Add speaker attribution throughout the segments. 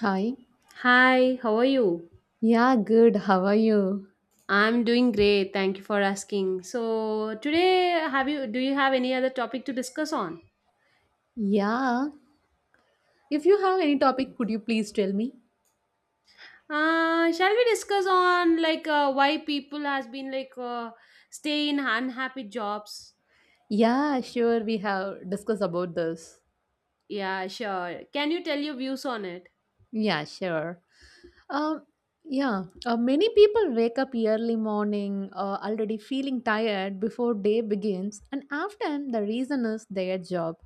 Speaker 1: Hi.
Speaker 2: Hi, how are you?
Speaker 1: Yeah, good. How are you?
Speaker 2: I'm doing great. Thank you for asking. So, today have you do you have any other topic to discuss on?
Speaker 1: Yeah. If you have any topic, could you please tell me?
Speaker 2: Shall we discuss on why people has been stay in unhappy jobs?
Speaker 1: Yeah, sure. We have discussed about this.
Speaker 2: Yeah, sure. Can you tell your views on it?
Speaker 1: Yeah, sure. Um, yeah, many people wake up early morning already feeling tired before day begins, and often the reason is their job.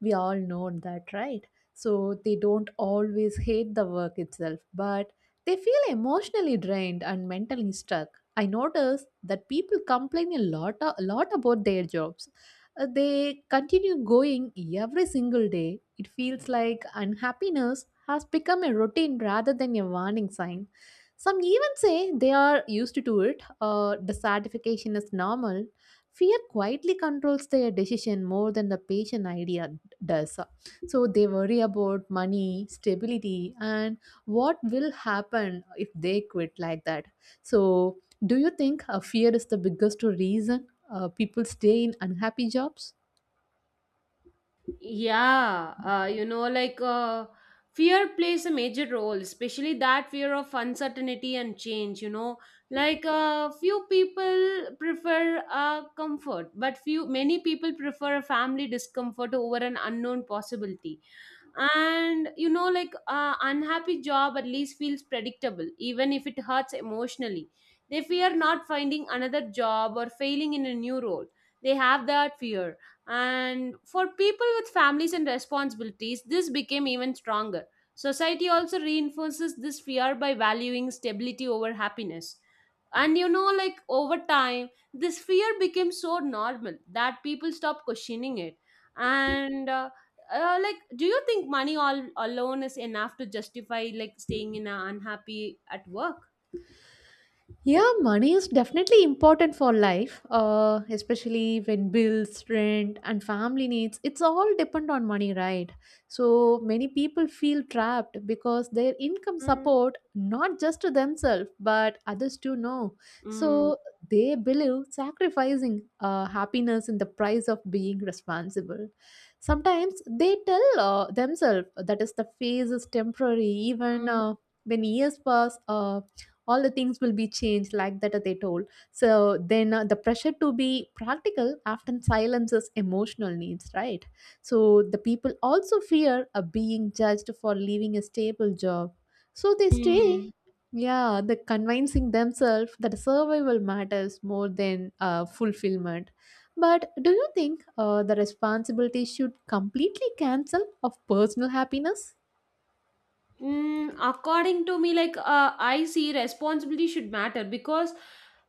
Speaker 1: We all know that, right? So they don't always hate the work itself, but they feel emotionally drained and mentally stuck. I notice that people complain a lot about their jobs. They continue going every single day. It feels like unhappiness has become a routine rather than a warning sign. Some even say they are used to it, the satisfaction is normal. Fear quietly controls their decision more than the patient idea does. So they worry about money, stability, and what will happen if they quit like that. So, do you think a fear is the biggest reason people stay in unhappy jobs?
Speaker 2: Yeah, uh, you know, like uh, Fear plays a major role, especially that fear of uncertainty and change. Few people prefer comfort, but few many people prefer a family discomfort over an unknown possibility. And unhappy job at least feels predictable, even if it hurts emotionally. They fear not finding another job or failing in a new role. They have that fear, and for people with families and responsibilities, this became even stronger. Society also reinforces this fear by valuing stability over happiness. And over time, this fear became so normal that people stopped questioning it. And uh, do you think money all alone is enough to justify like staying in a unhappy at work?
Speaker 1: Yeah, money is definitely important for life, especially when bills, rent, and family needs. It's all depend on money, right? So many people feel trapped because their income
Speaker 2: Mm.
Speaker 1: support not just to themselves but others too. Know.
Speaker 2: Mm.
Speaker 1: So they believe sacrificing happiness in the price of being responsible. Sometimes they tell themselves that is the phase is temporary, even.
Speaker 2: Mm.
Speaker 1: When years pass, all the things will be changed like that they told. So then the pressure to be practical often silences emotional needs, right? So the people also fear of being judged for leaving a stable job, so they stay,
Speaker 2: Mm.
Speaker 1: yeah, the convincing themselves that survival matters more than fulfillment. But do you think the responsibility should completely cancel of personal happiness?
Speaker 2: According to me, I see, responsibility should matter because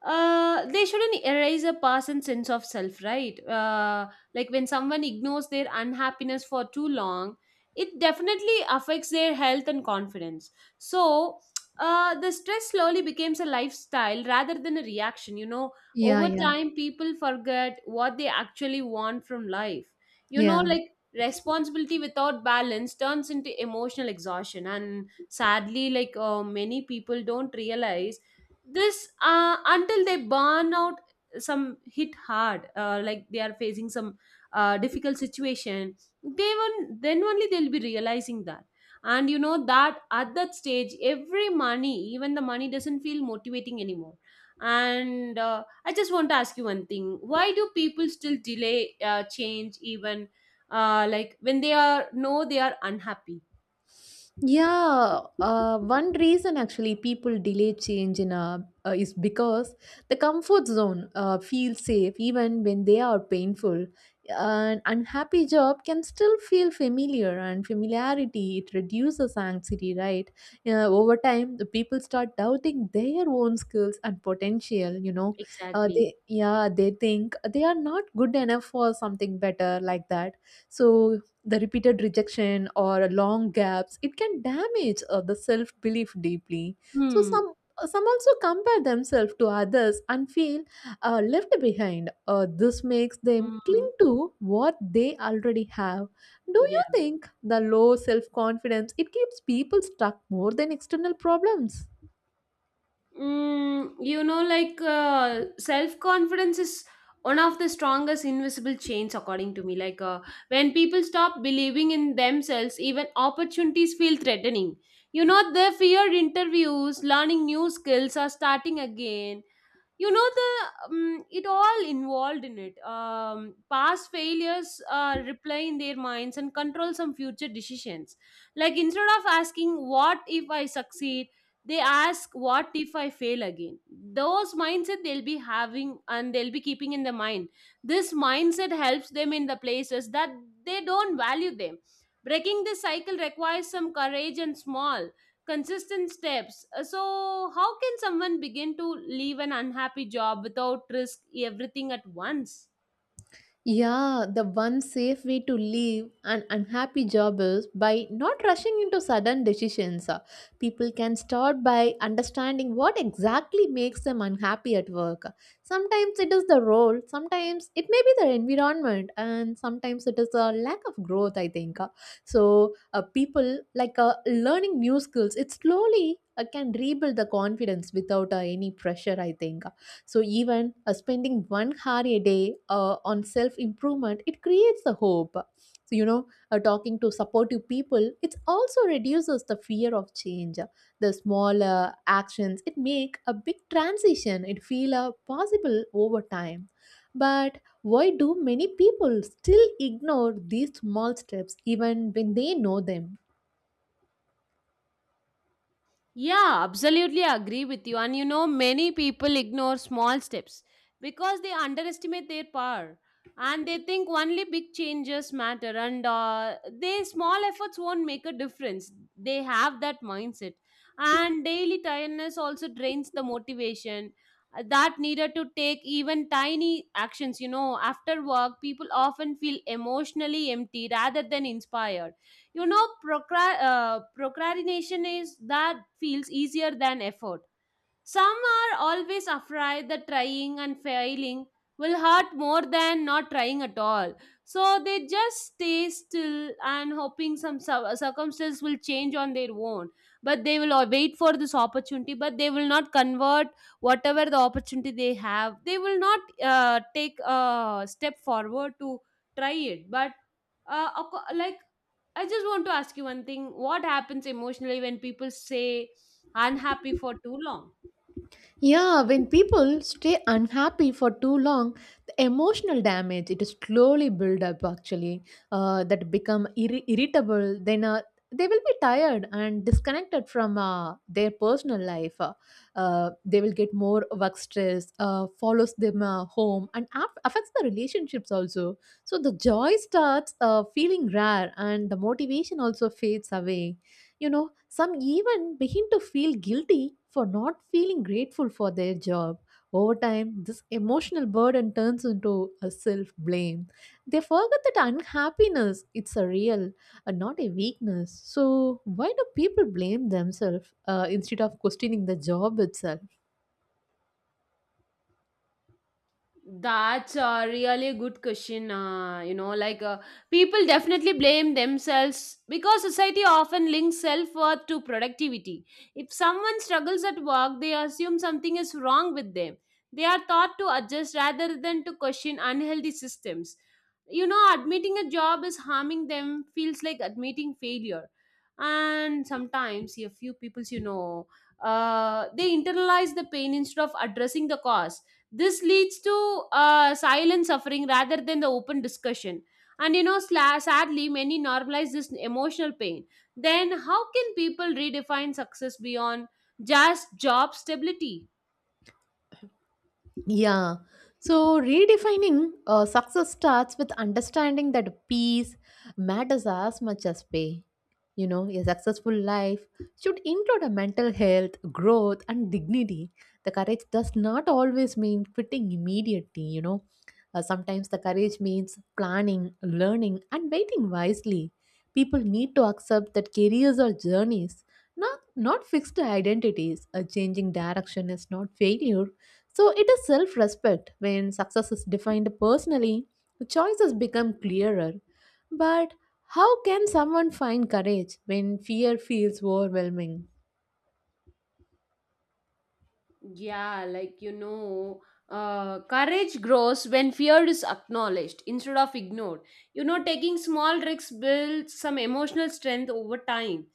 Speaker 2: they shouldn't erase a person's sense of self, right? Like when someone ignores their unhappiness for too long, it definitely affects their health and confidence. So, the stress slowly becomes a lifestyle rather than a reaction. You know,
Speaker 1: Yeah,
Speaker 2: over
Speaker 1: yeah,
Speaker 2: time, people forget what they actually want from life. You know,
Speaker 1: yeah.
Speaker 2: like responsibility without balance turns into emotional exhaustion, and sadly many people don't realize this until they burn out. Some hit hard, like they are facing some difficult situation. They won't, then only they'll be realizing that. And you know that at that stage, every money even the money doesn't feel motivating anymore. And I just want to ask you one thing. Why do people still delay change even like when they are know they are unhappy?
Speaker 1: Yeah, one reason actually people delay change in a is because the comfort zone feels safe even when they are painful. An unhappy job can still feel familiar, and familiarity it reduces anxiety, right? Over time, the people start doubting their own skills and potential. You know,
Speaker 2: Exactly.
Speaker 1: they think they are not good enough for something better like that. So the repeated rejection or long gaps it can damage the self belief deeply. So
Speaker 2: Hmm.
Speaker 1: some also compare themselves to others and feel left behind. Uh, this makes them cling
Speaker 2: Hmm.
Speaker 1: to what they already have. Do you
Speaker 2: Yeah.
Speaker 1: think the low self confidence it keeps people stuck more than external problems?
Speaker 2: You know self-confidence is one of the strongest invisible chains according to me. When people stop believing in themselves, even opportunities feel threatening. You know, they fear interviews, learning new skills, or starting again. You know the It all involved in it. Past failures replay in their minds and control some future decisions. Like instead of asking what if I succeed, they ask what if I fail again. Those mindset they'll be having, and they'll be keeping in the mind. This mindset helps them in the places that they don't value them. Breaking this cycle requires some courage and small consistent steps. So, how can someone begin to leave an unhappy job without risk everything at once?
Speaker 1: Yeah, the one safe way to leave an unhappy job is by not rushing into sudden decisions. People can start by understanding what exactly makes them unhappy at work. Sometimes it is the role, sometimes it may be the environment, and sometimes it is a lack of growth, I think. So, people like learning new skills, it slowly can rebuild the confidence without any pressure, I think. So even spending 1 hour a day on self improvement it creates the hope. So you know talking to supportive people it also reduces the fear of change. The small actions it make a big transition it feel possible over time. But why do many people still ignore these small steps even when they know them?
Speaker 2: Yeah, absolutely agree with you. And you know, many people ignore small steps because they underestimate their power, and they think only big changes matter, and their small efforts won't make a difference. They have that mindset. And daily tiredness also drains the motivation that needed to take even tiny actions. You know, after work, people often feel emotionally empty rather than inspired. You know, procrastination is that feels easier than effort. Some are always afraid that trying and failing will hurt more than not trying at all. So they just stay still, and hoping some circumstance will change on their own. But they will, wait for this opportunity, but they will not convert. Whatever the opportunity they have, they will not take a step forward to try it. But uh, acco- like I just want to ask you one thing. What happens emotionally when people say unhappy for too long?
Speaker 1: Yeah, when people stay unhappy for too long, the emotional damage it slowly build up actually. Uh, that become irritable. Then they will be tired and disconnected from their personal life. Uh, they will get more work stress, follows them home, and affects the relationships also. So the joy starts feeling rare, and the motivation also fades away. You know, some even begin to feel guilty for not feeling grateful for their job. Over time, this emotional burden turns into a self blame. They forget that unhappiness it's a real and not a weakness. So why do people blame themselves instead of questioning the job itself?
Speaker 2: That's a really good question. People definitely blame themselves because society often links self worth to productivity. If someone struggles at work, they assume something is wrong with them. They are taught to adjust rather than to question unhealthy systems. You know, admitting a job is harming them feels like admitting failure. And sometimes, a few peoples, you know, they internalize the pain instead of addressing the cause. This leads to silent suffering rather than the open discussion. And you know, sadly, many normalize this emotional pain. Then, how can people redefine success beyond just job stability?
Speaker 1: Yeah. So redefining success starts with understanding that peace matters as much as pay. You know, a successful life should include a mental health, growth, and dignity. The courage does not always mean quitting immediately, you know. Sometimes the courage means planning, learning, and waiting wisely. People need to accept that careers are journeys, not fixed identities. A changing direction is not failure, so it is self respect. When success is defined personally, choices become clearer. But how can someone find courage when fear feels overwhelming?
Speaker 2: Yeah, like you know, Courage grows when fear is acknowledged instead of ignored. You know, taking small risks builds some emotional strength over time.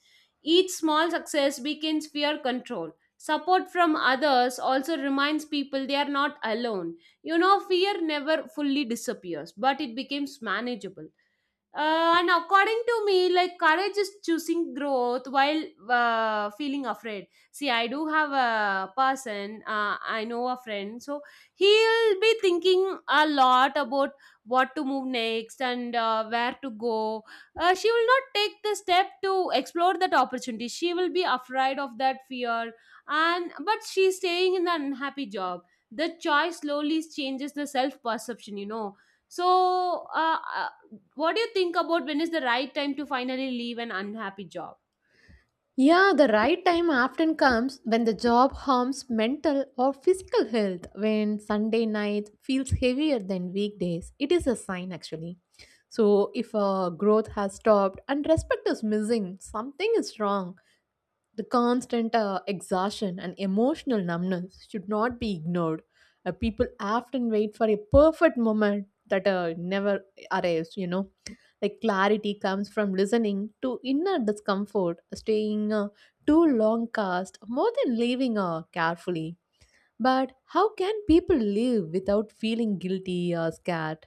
Speaker 2: Each small success weakens fear control. Support from others also reminds people they are not alone. You know, fear never fully disappears, but it becomes manageable. And according to me, like courage is choosing growth while feeling afraid. See, I do have a person, I know a friend. So he'll be thinking a lot about what to move next and where to go. She will not take the step to explore that opportunity. She will be afraid of that fear. And but she's staying in the unhappy job. The choice slowly changes the self perception, you know. So, what do you think about when is the right time to finally leave an unhappy job?
Speaker 1: Yeah, the right time often comes when the job harms mental or physical health, when Sunday night feels heavier than weekdays. It is a sign actually. So, if growth has stopped and respect is missing, something is wrong. The constant exhaustion and emotional numbness should not be ignored. People often wait for a perfect moment that never arrives, you know. Like clarity comes from listening to inner discomfort, staying too long cast more than leaving carefully. But how can people live without feeling guilty or scared?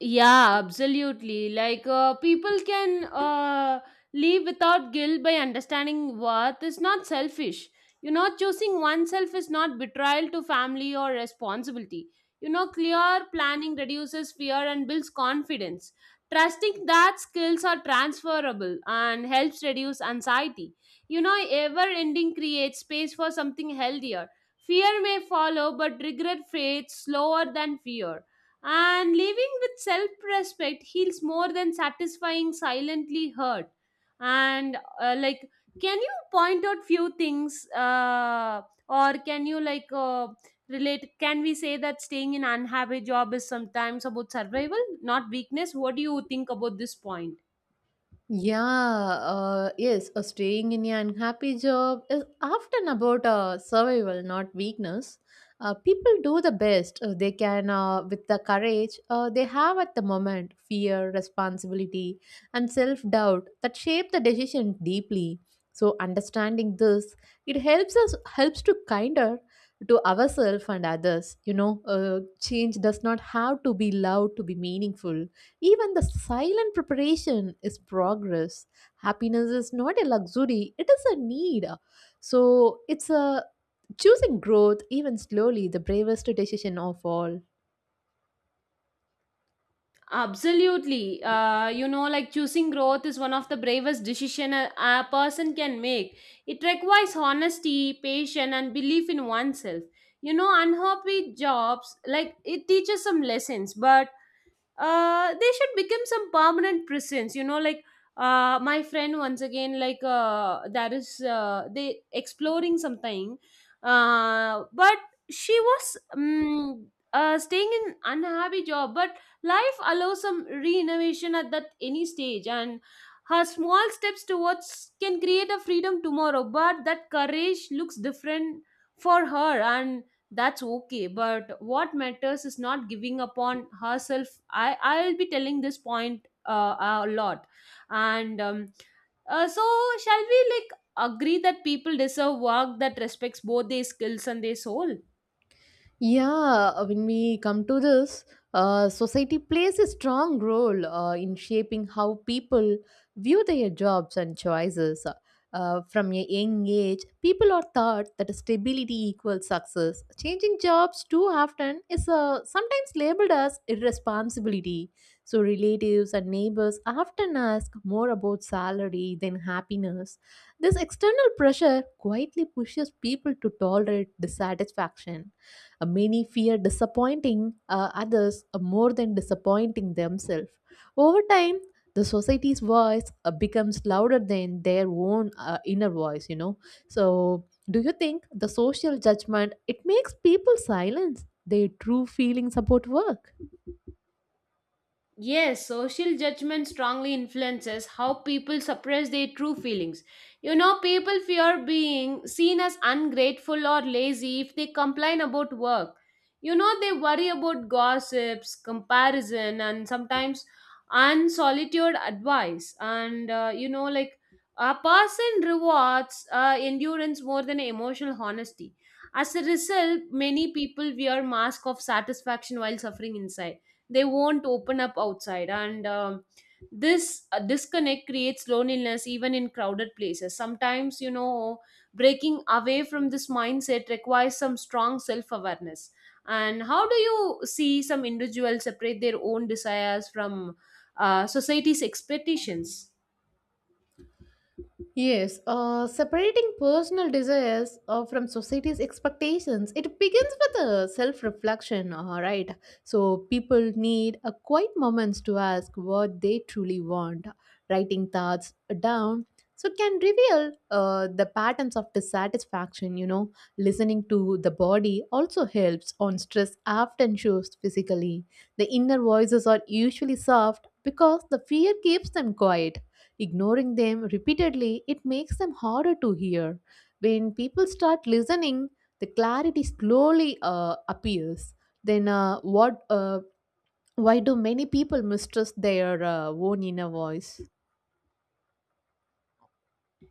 Speaker 2: Yeah, absolutely. People can live without guilt by understanding worth is not selfish. You know, choosing oneself is not betrayal to family or responsibility. You know, clear planning reduces fear and builds confidence. Trusting that skills are transferable and helps reduce anxiety. You know, ever ending creates space for something healthier. Fear may follow, but regret fades slower than fear. And living with self respect heals more than satisfying silently hurt. And uh, like, can you point out few things, or can you like relate? Can we say that staying in unhappy job is sometimes about survival, not weakness? What do you think about this point?
Speaker 1: Yeah, yes, staying in an unhappy job is often about survival, not weakness. People do the best they can with the courage they have at the moment, fear, responsibility, and self doubt that shape the decision deeply. So, understanding this, it helps to kinder to ourselves and others. You know, change does not have to be loud to be meaningful, even the silent preparation is progress. Happiness is not a luxury, it is a need. So it's a choosing growth, even slowly, the bravest decision of all.
Speaker 2: Absolutely. Choosing growth is one of the bravest decision a person can make. It requires honesty, patience, and belief in oneself. You know, unhappy jobs, like it teaches some lessons, but they should become some permanent presence. My friend once again, that is they exploring something. But She was staying in unhappy job. But life allows some re-innovation at that any stage, and her small steps towards can create a freedom tomorrow. But that courage looks different for her, and that's okay. But what matters is not giving up on herself. I'll be telling this point a lot. And So, shall we like agree that people deserve work that respects both their skills and their soul?
Speaker 1: Yeah, when we come to this, society plays a strong role in shaping how people view their jobs and choices. Uh, from a young age, people are taught that stability equals success. Changing jobs too often is sometimes labeled as irresponsibility. So, relatives and neighbors often ask more about salary than happiness. This external pressure quietly pushes people to tolerate dissatisfaction. Many fear disappointing others more than disappointing themselves. Over time, the society's voice becomes louder than their own inner voice, you know. So, do you think the social judgment it makes people silence their true feelings about work?
Speaker 2: Yes, social judgment strongly influences how people suppress their true feelings. You know, people fear being seen as ungrateful or lazy if they complain about work. You know, they worry about gossips, comparison, and sometimes unsolicited advice. And, you know, like A person rewards endurance more than emotional honesty. As a result, many people wear mask of satisfaction while suffering inside. They won't open up outside. And This disconnect creates loneliness even in crowded places sometimes, you know. Breaking away from this mindset requires some strong self awareness. And how do you see some individuals separate their own desires from society's expectations?
Speaker 1: Yes, separating personal desires from society's expectations, it begins with a self-reflection, all right. So people need a quiet moments to ask what they truly want. Writing thoughts down so can reveal the patterns of dissatisfaction, you know. Listening to the body also helps on stress often shows physically. The inner voices are usually soft because the fear keeps them quiet. Ignoring them repeatedly, it makes them harder to hear. When people start listening, the clarity slowly appears. Then, what? Why do many people mistrust their own inner voice?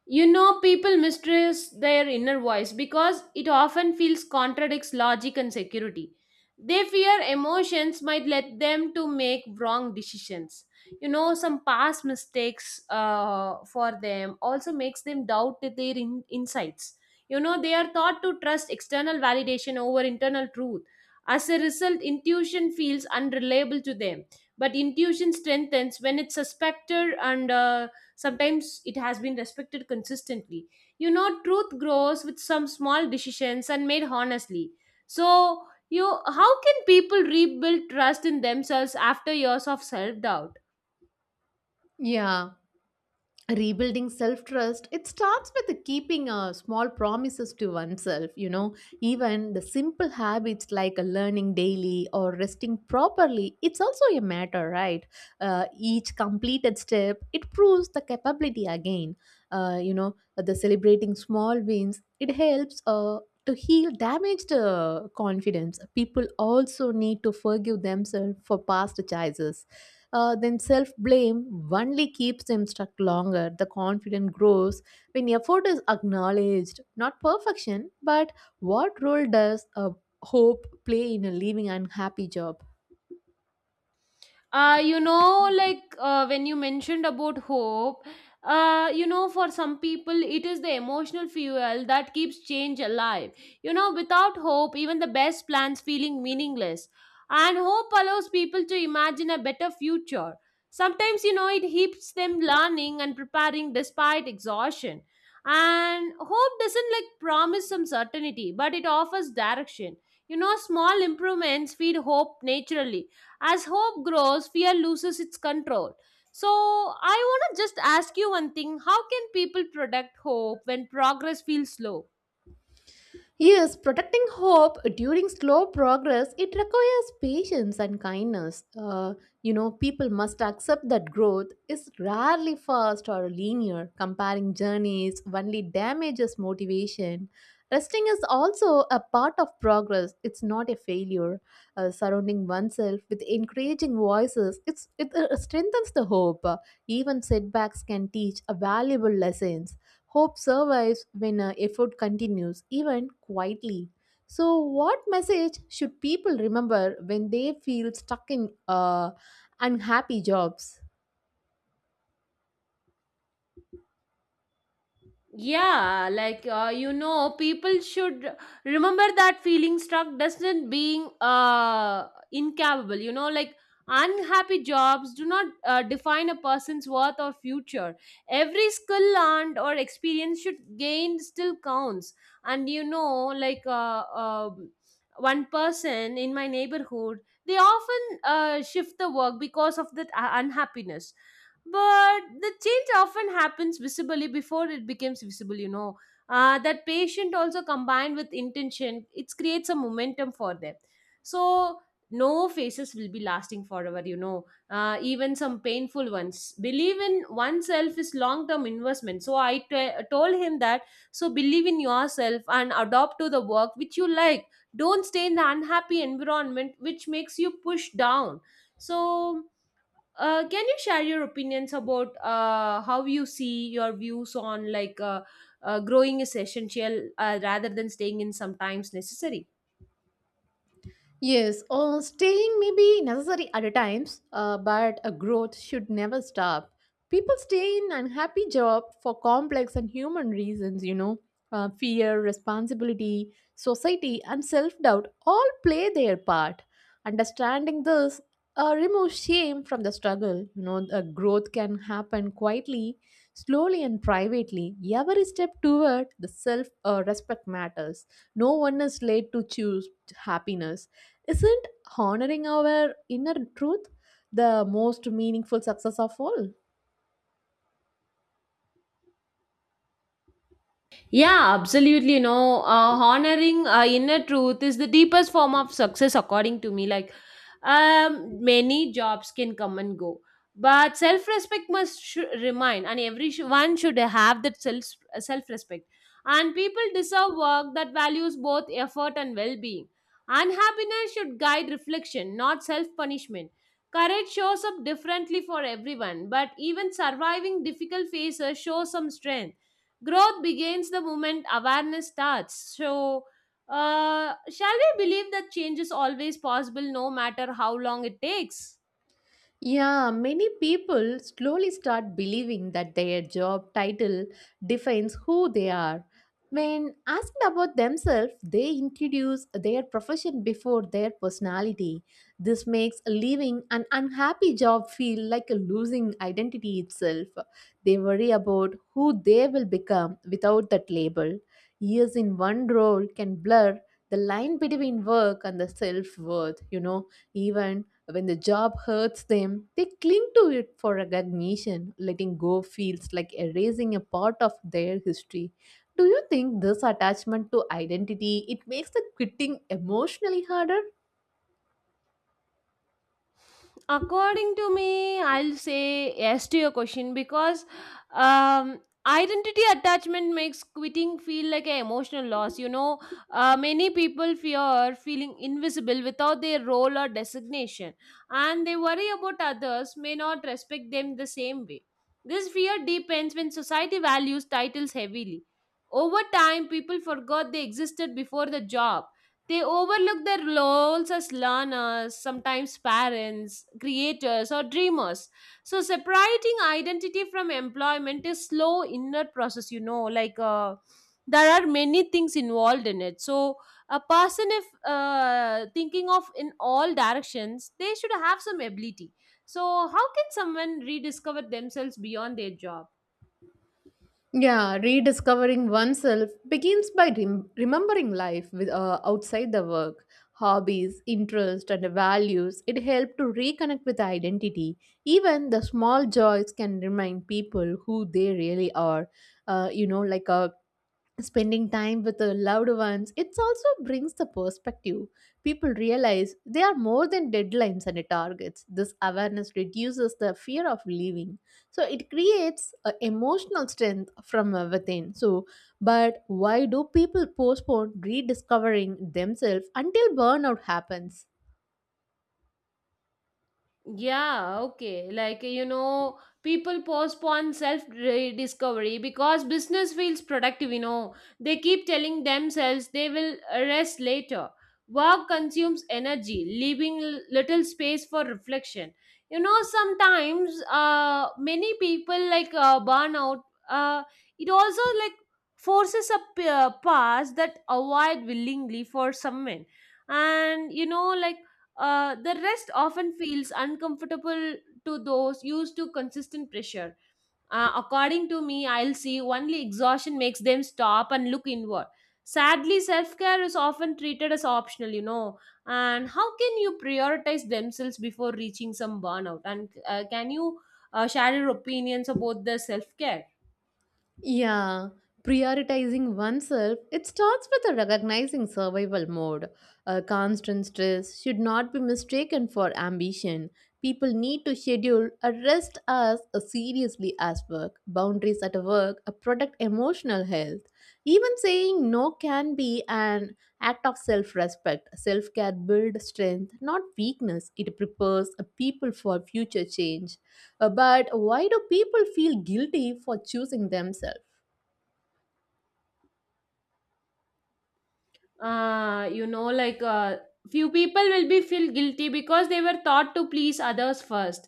Speaker 2: You know, people mistrust their inner voice because it often feels contradicts logic and security. They fear emotions might let them to make wrong decisions. You know, some past mistakes for them also makes them doubt their insights. You know, they are taught to trust external validation over internal truth. As a result, intuition feels unreliable to them. But intuition strengthens when it's suspected, and sometimes it has been respected consistently. You know, truth grows with some small decisions and made honestly. So, you how can people rebuild trust in themselves after years of self-doubt?
Speaker 1: Yeah. Rebuilding self trust it starts with keeping small promises to oneself, you know. Even the simple habits like learning daily or resting properly it's also a matter, right? Uh, each completed step it proves the capability again. Uh, you know, the celebrating small wins it helps to heal damaged confidence. People also need to forgive themselves for past choices. Uh, then self blame only keeps them stuck longer. The confidence grows when effort is acknowledged, not perfection, but what role does hope play in a living unhappy job?
Speaker 2: When you mentioned about hope, for some people it is the emotional fuel that keeps change alive. You know, without hope even the best plans feeling meaningless. And hope allows people to imagine a better future. Sometimes, you know, it keeps them learning and preparing despite exhaustion. And hope doesn't like promise some certainty, but it offers direction. You know, small improvements feed hope naturally. As hope grows, fear loses its control. So, I want to just ask you one thing. How can people protect hope when progress feels slow?
Speaker 1: Yes, protecting hope during slow progress, it requires patience and kindness. You know, people must accept that growth is rarely fast or linear. Comparing journeys only damages motivation. Resting is also a part of progress. It's not a failure. Surrounding oneself with encouraging voices, it strengthens the hope. Even setbacks can teach a valuable lessons. Hope survives when effort continues, even quietly. So, what message should people remember when they feel stuck in unhappy jobs?
Speaker 2: People should remember that feeling stuck doesn't being incapable. You know, like unhappy jobs do not define a person's worth or future. Every skill learned or experience should gained still counts. And one person in my neighborhood, they often shift the work because of that unhappiness, but the change often happens visibly before it becomes visible. That patient, also combined with intention, it creates a momentum for them. So no faces will be lasting forever, even some painful ones. Believe in oneself is long term investment. Told him that. So believe in yourself and adopt to the work which you like. Don't stay in the unhappy environment which makes you push down. So, can you share your opinions about how you see your views on growing is essential rather than staying in sometimes necessary?
Speaker 1: Yes, staying may be necessary at a times, but a growth should never stop. People stay in unhappy job for complex and human reasons, you know, fear, responsibility, society, and self-doubt all play their part. Understanding this removes shame from the struggle. You know, the growth can happen quietly, slowly, and privately. Every step toward the self-respect matters. No one is late to choose happiness. Isn't honoring our inner truth the most meaningful success of all?
Speaker 2: Yeah, absolutely. You know, honoring inner truth is the deepest form of success, according to me. Like, many jobs can come and go, but self respect must remain, and every one should have that self respect. And people deserve work that values both effort and well being. Unhappiness should guide reflection, not self punishment. Courage shows up differently for everyone, but even surviving difficult phases shows some strength. Growth begins the moment awareness starts. So, shall we believe that change is always possible no matter how long it takes?
Speaker 1: Yeah, many people slowly start believing that their job title defines who they are. When asked about themselves, they introduce their profession before their personality. This makes leaving an unhappy job feel like a losing identity itself. They worry about who they will become without that label. Years in one role can blur the line between work and the self worth, you know, even when the job hurts them, they cling to it for recognition. Letting go feels like erasing a part of their history. Do you think this attachment to identity it makes the quitting emotionally harder?
Speaker 2: According to me, I'll say yes to your question because identity attachment makes quitting feel like an emotional loss. You know, many people fear feeling invisible without their role or designation, and they worry about others may not respect them the same way. This fear deepens when society values titles heavily. Over time, people forgot they existed before the job. They overlook their roles as learners, sometimes parents, creators, or dreamers. So, separating identity from employment is slow inner process, you know, there are many things involved in it. So, a person, if thinking of in all directions, they should have some ability. So, how can someone rediscover themselves beyond their job?
Speaker 1: Yeah, rediscovering oneself begins by remembering life with, outside the work. Hobbies, interests, and values, it helps to reconnect with identity. Even the small joys can remind people who they really are. You know, like a spending time with the loved ones it also brings the perspective. People realize they are more than deadlines and targets. This awareness reduces the fear of leaving, so it creates a emotional strength from within. So but why do people postpone rediscovering themselves until burnout happens?
Speaker 2: Yeah, okay. Like, you know, people postpone self discovery because business feels productive, you know. They keep telling themselves they will rest later. Work consumes energy, leaving little space for reflection. You know, sometimes many people burnout, uh, it also like forces a path that avoid willingly for some men. And, you know, like, the rest often feels uncomfortable to those used to consistent pressure. According to me, I'll see only exhaustion makes them stop and look inward. Sadly, self care is often treated as optional, you know. And how can you prioritize themselves before reaching some burnout? And can you share your opinions about the self care?
Speaker 1: Yeah, prioritizing oneself, it starts with a recognizing survival mode. A constant stress should not be mistaken for ambition. People need to schedule a rest as a seriously as work, boundaries at work, a protect emotional health. Even saying no can be an act of self-respect. Self-care builds strength, not weakness. It prepares a people for future change. But why do people feel guilty for choosing themselves?
Speaker 2: uh, you know, like uh, Few people will be feel guilty because they were taught to please others first.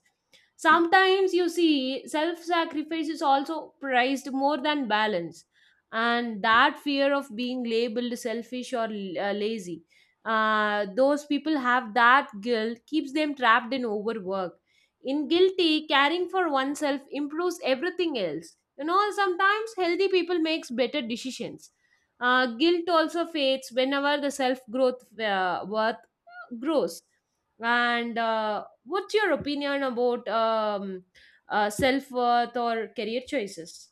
Speaker 2: Sometimes you see self-sacrifice is also prized more than balance, and that fear of being labeled selfish or lazy. Those people have that guilt keeps them trapped in overwork. In guilty, caring for oneself improves everything else. You know, sometimes healthy people makes better decisions. Guilt also fades whenever the self growth worth grows. And what's your opinion about self worth or career choices?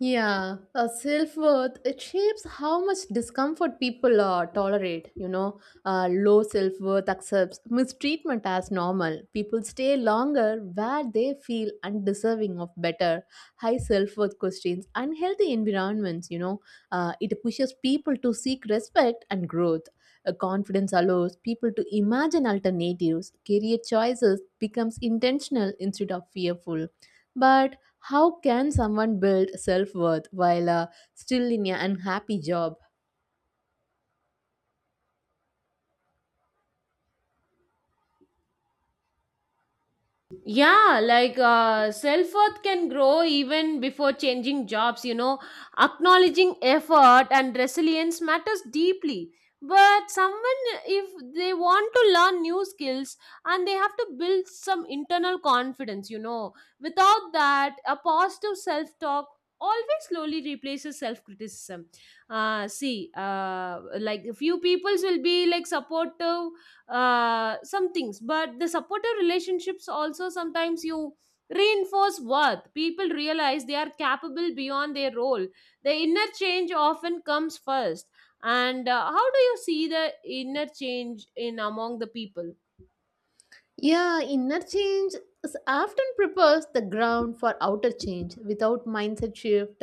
Speaker 1: Yeah, self worth it shapes how much discomfort people tolerate. You know, low self worth accepts mistreatment as normal. People stay longer where they feel undeserving of better. High self worth questions unhealthy environments. You know, it pushes people to seek respect and growth. Confidence allows people to imagine alternatives. Career choices becomes intentional instead of fearful. But how can someone build self worth while still in an unhappy job?
Speaker 2: Yeah, self worth can grow even before changing jobs, you know. Acknowledging effort and resilience matters deeply. But someone, if they want to learn new skills and they have to build some internal confidence, you know, without that, a positive self talk always slowly replaces self criticism. See, like few peoples will be like supportive some things, but the supportive relationships also sometimes you reinforce worth. People realize they are capable beyond their role. The inner change often comes first. And how do you see the inner change in among the people?
Speaker 1: Yeah, inner change is often prepares the ground for outer change. Without mindset shift,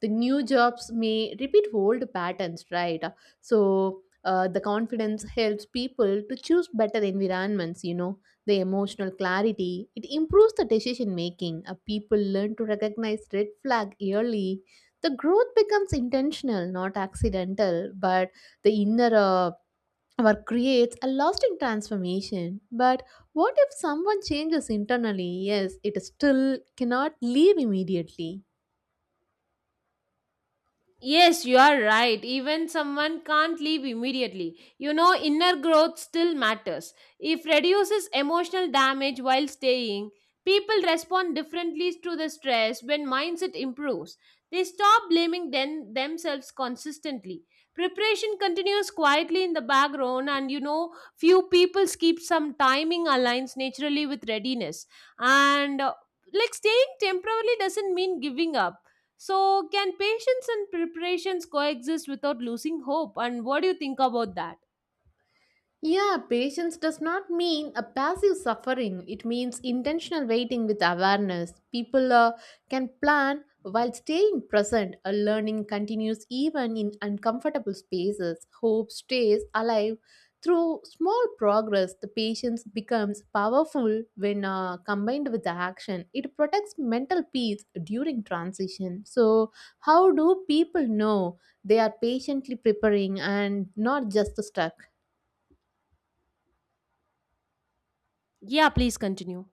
Speaker 1: the new jobs may repeat old patterns, right? So, the confidence helps people to choose better environments, you know, the emotional clarity. It improves the decision making. People learn to recognize red flag early. The growth becomes intentional, not accidental, but the inner work creates a lasting transformation. But what if someone changes internally? Yes, it still cannot leave immediately.
Speaker 2: Yes, you are right. Even someone can't leave immediately. You know, inner growth still matters. If reduces emotional damage while staying, people respond differently to the stress when mindset improves. They stop blaming themselves consistently. Preparation continues quietly in the background, and you know, few people keep some timing aligns naturally with readiness. And like staying temporarily doesn't mean giving up. So, can patience and preparations coexist without losing hope? And what do you think about that?
Speaker 1: Yeah, patience does not mean a passive suffering. It means intentional waiting with awareness. People can plan while staying present. A learning continues even in uncomfortable spaces. Hope stays alive through small progress. The patience becomes powerful when combined with the action. It protects mental peace during transition. So, how do people know they are patiently preparing and not just stuck?
Speaker 2: Yeah, please continue.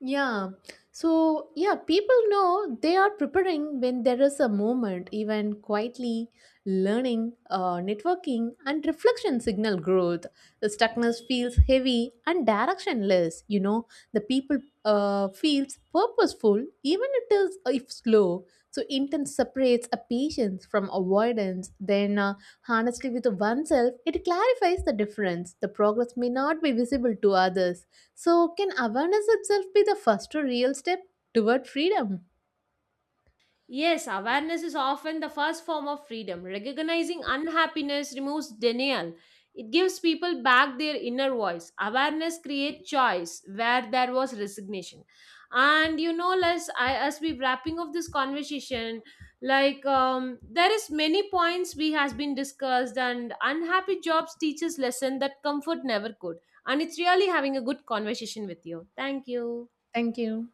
Speaker 1: Yeah. So, yeah, people know they are preparing when there is a moment, even quietly learning, networking, and reflection signal growth. The stuckness feels heavy and directionless. You know, the people feels purposeful, even it is if slow. So, intense separates a patience from avoidance. Then, honestly, with oneself, it clarifies the difference. The progress may not be visible to others, so, can awareness itself be the first real step toward freedom?
Speaker 2: Yes, awareness is often the first form of freedom. Recognizing unhappiness removes denial. It gives people back their inner voice. Awareness creates choice where there was resignation. And you know, Les, I, as we wrapping up this conversation, there is many points we has been discussed, and unhappy jobs teaches lesson that comfort never could. And it's really having a good conversation with you. Thank you.
Speaker 1: Thank you.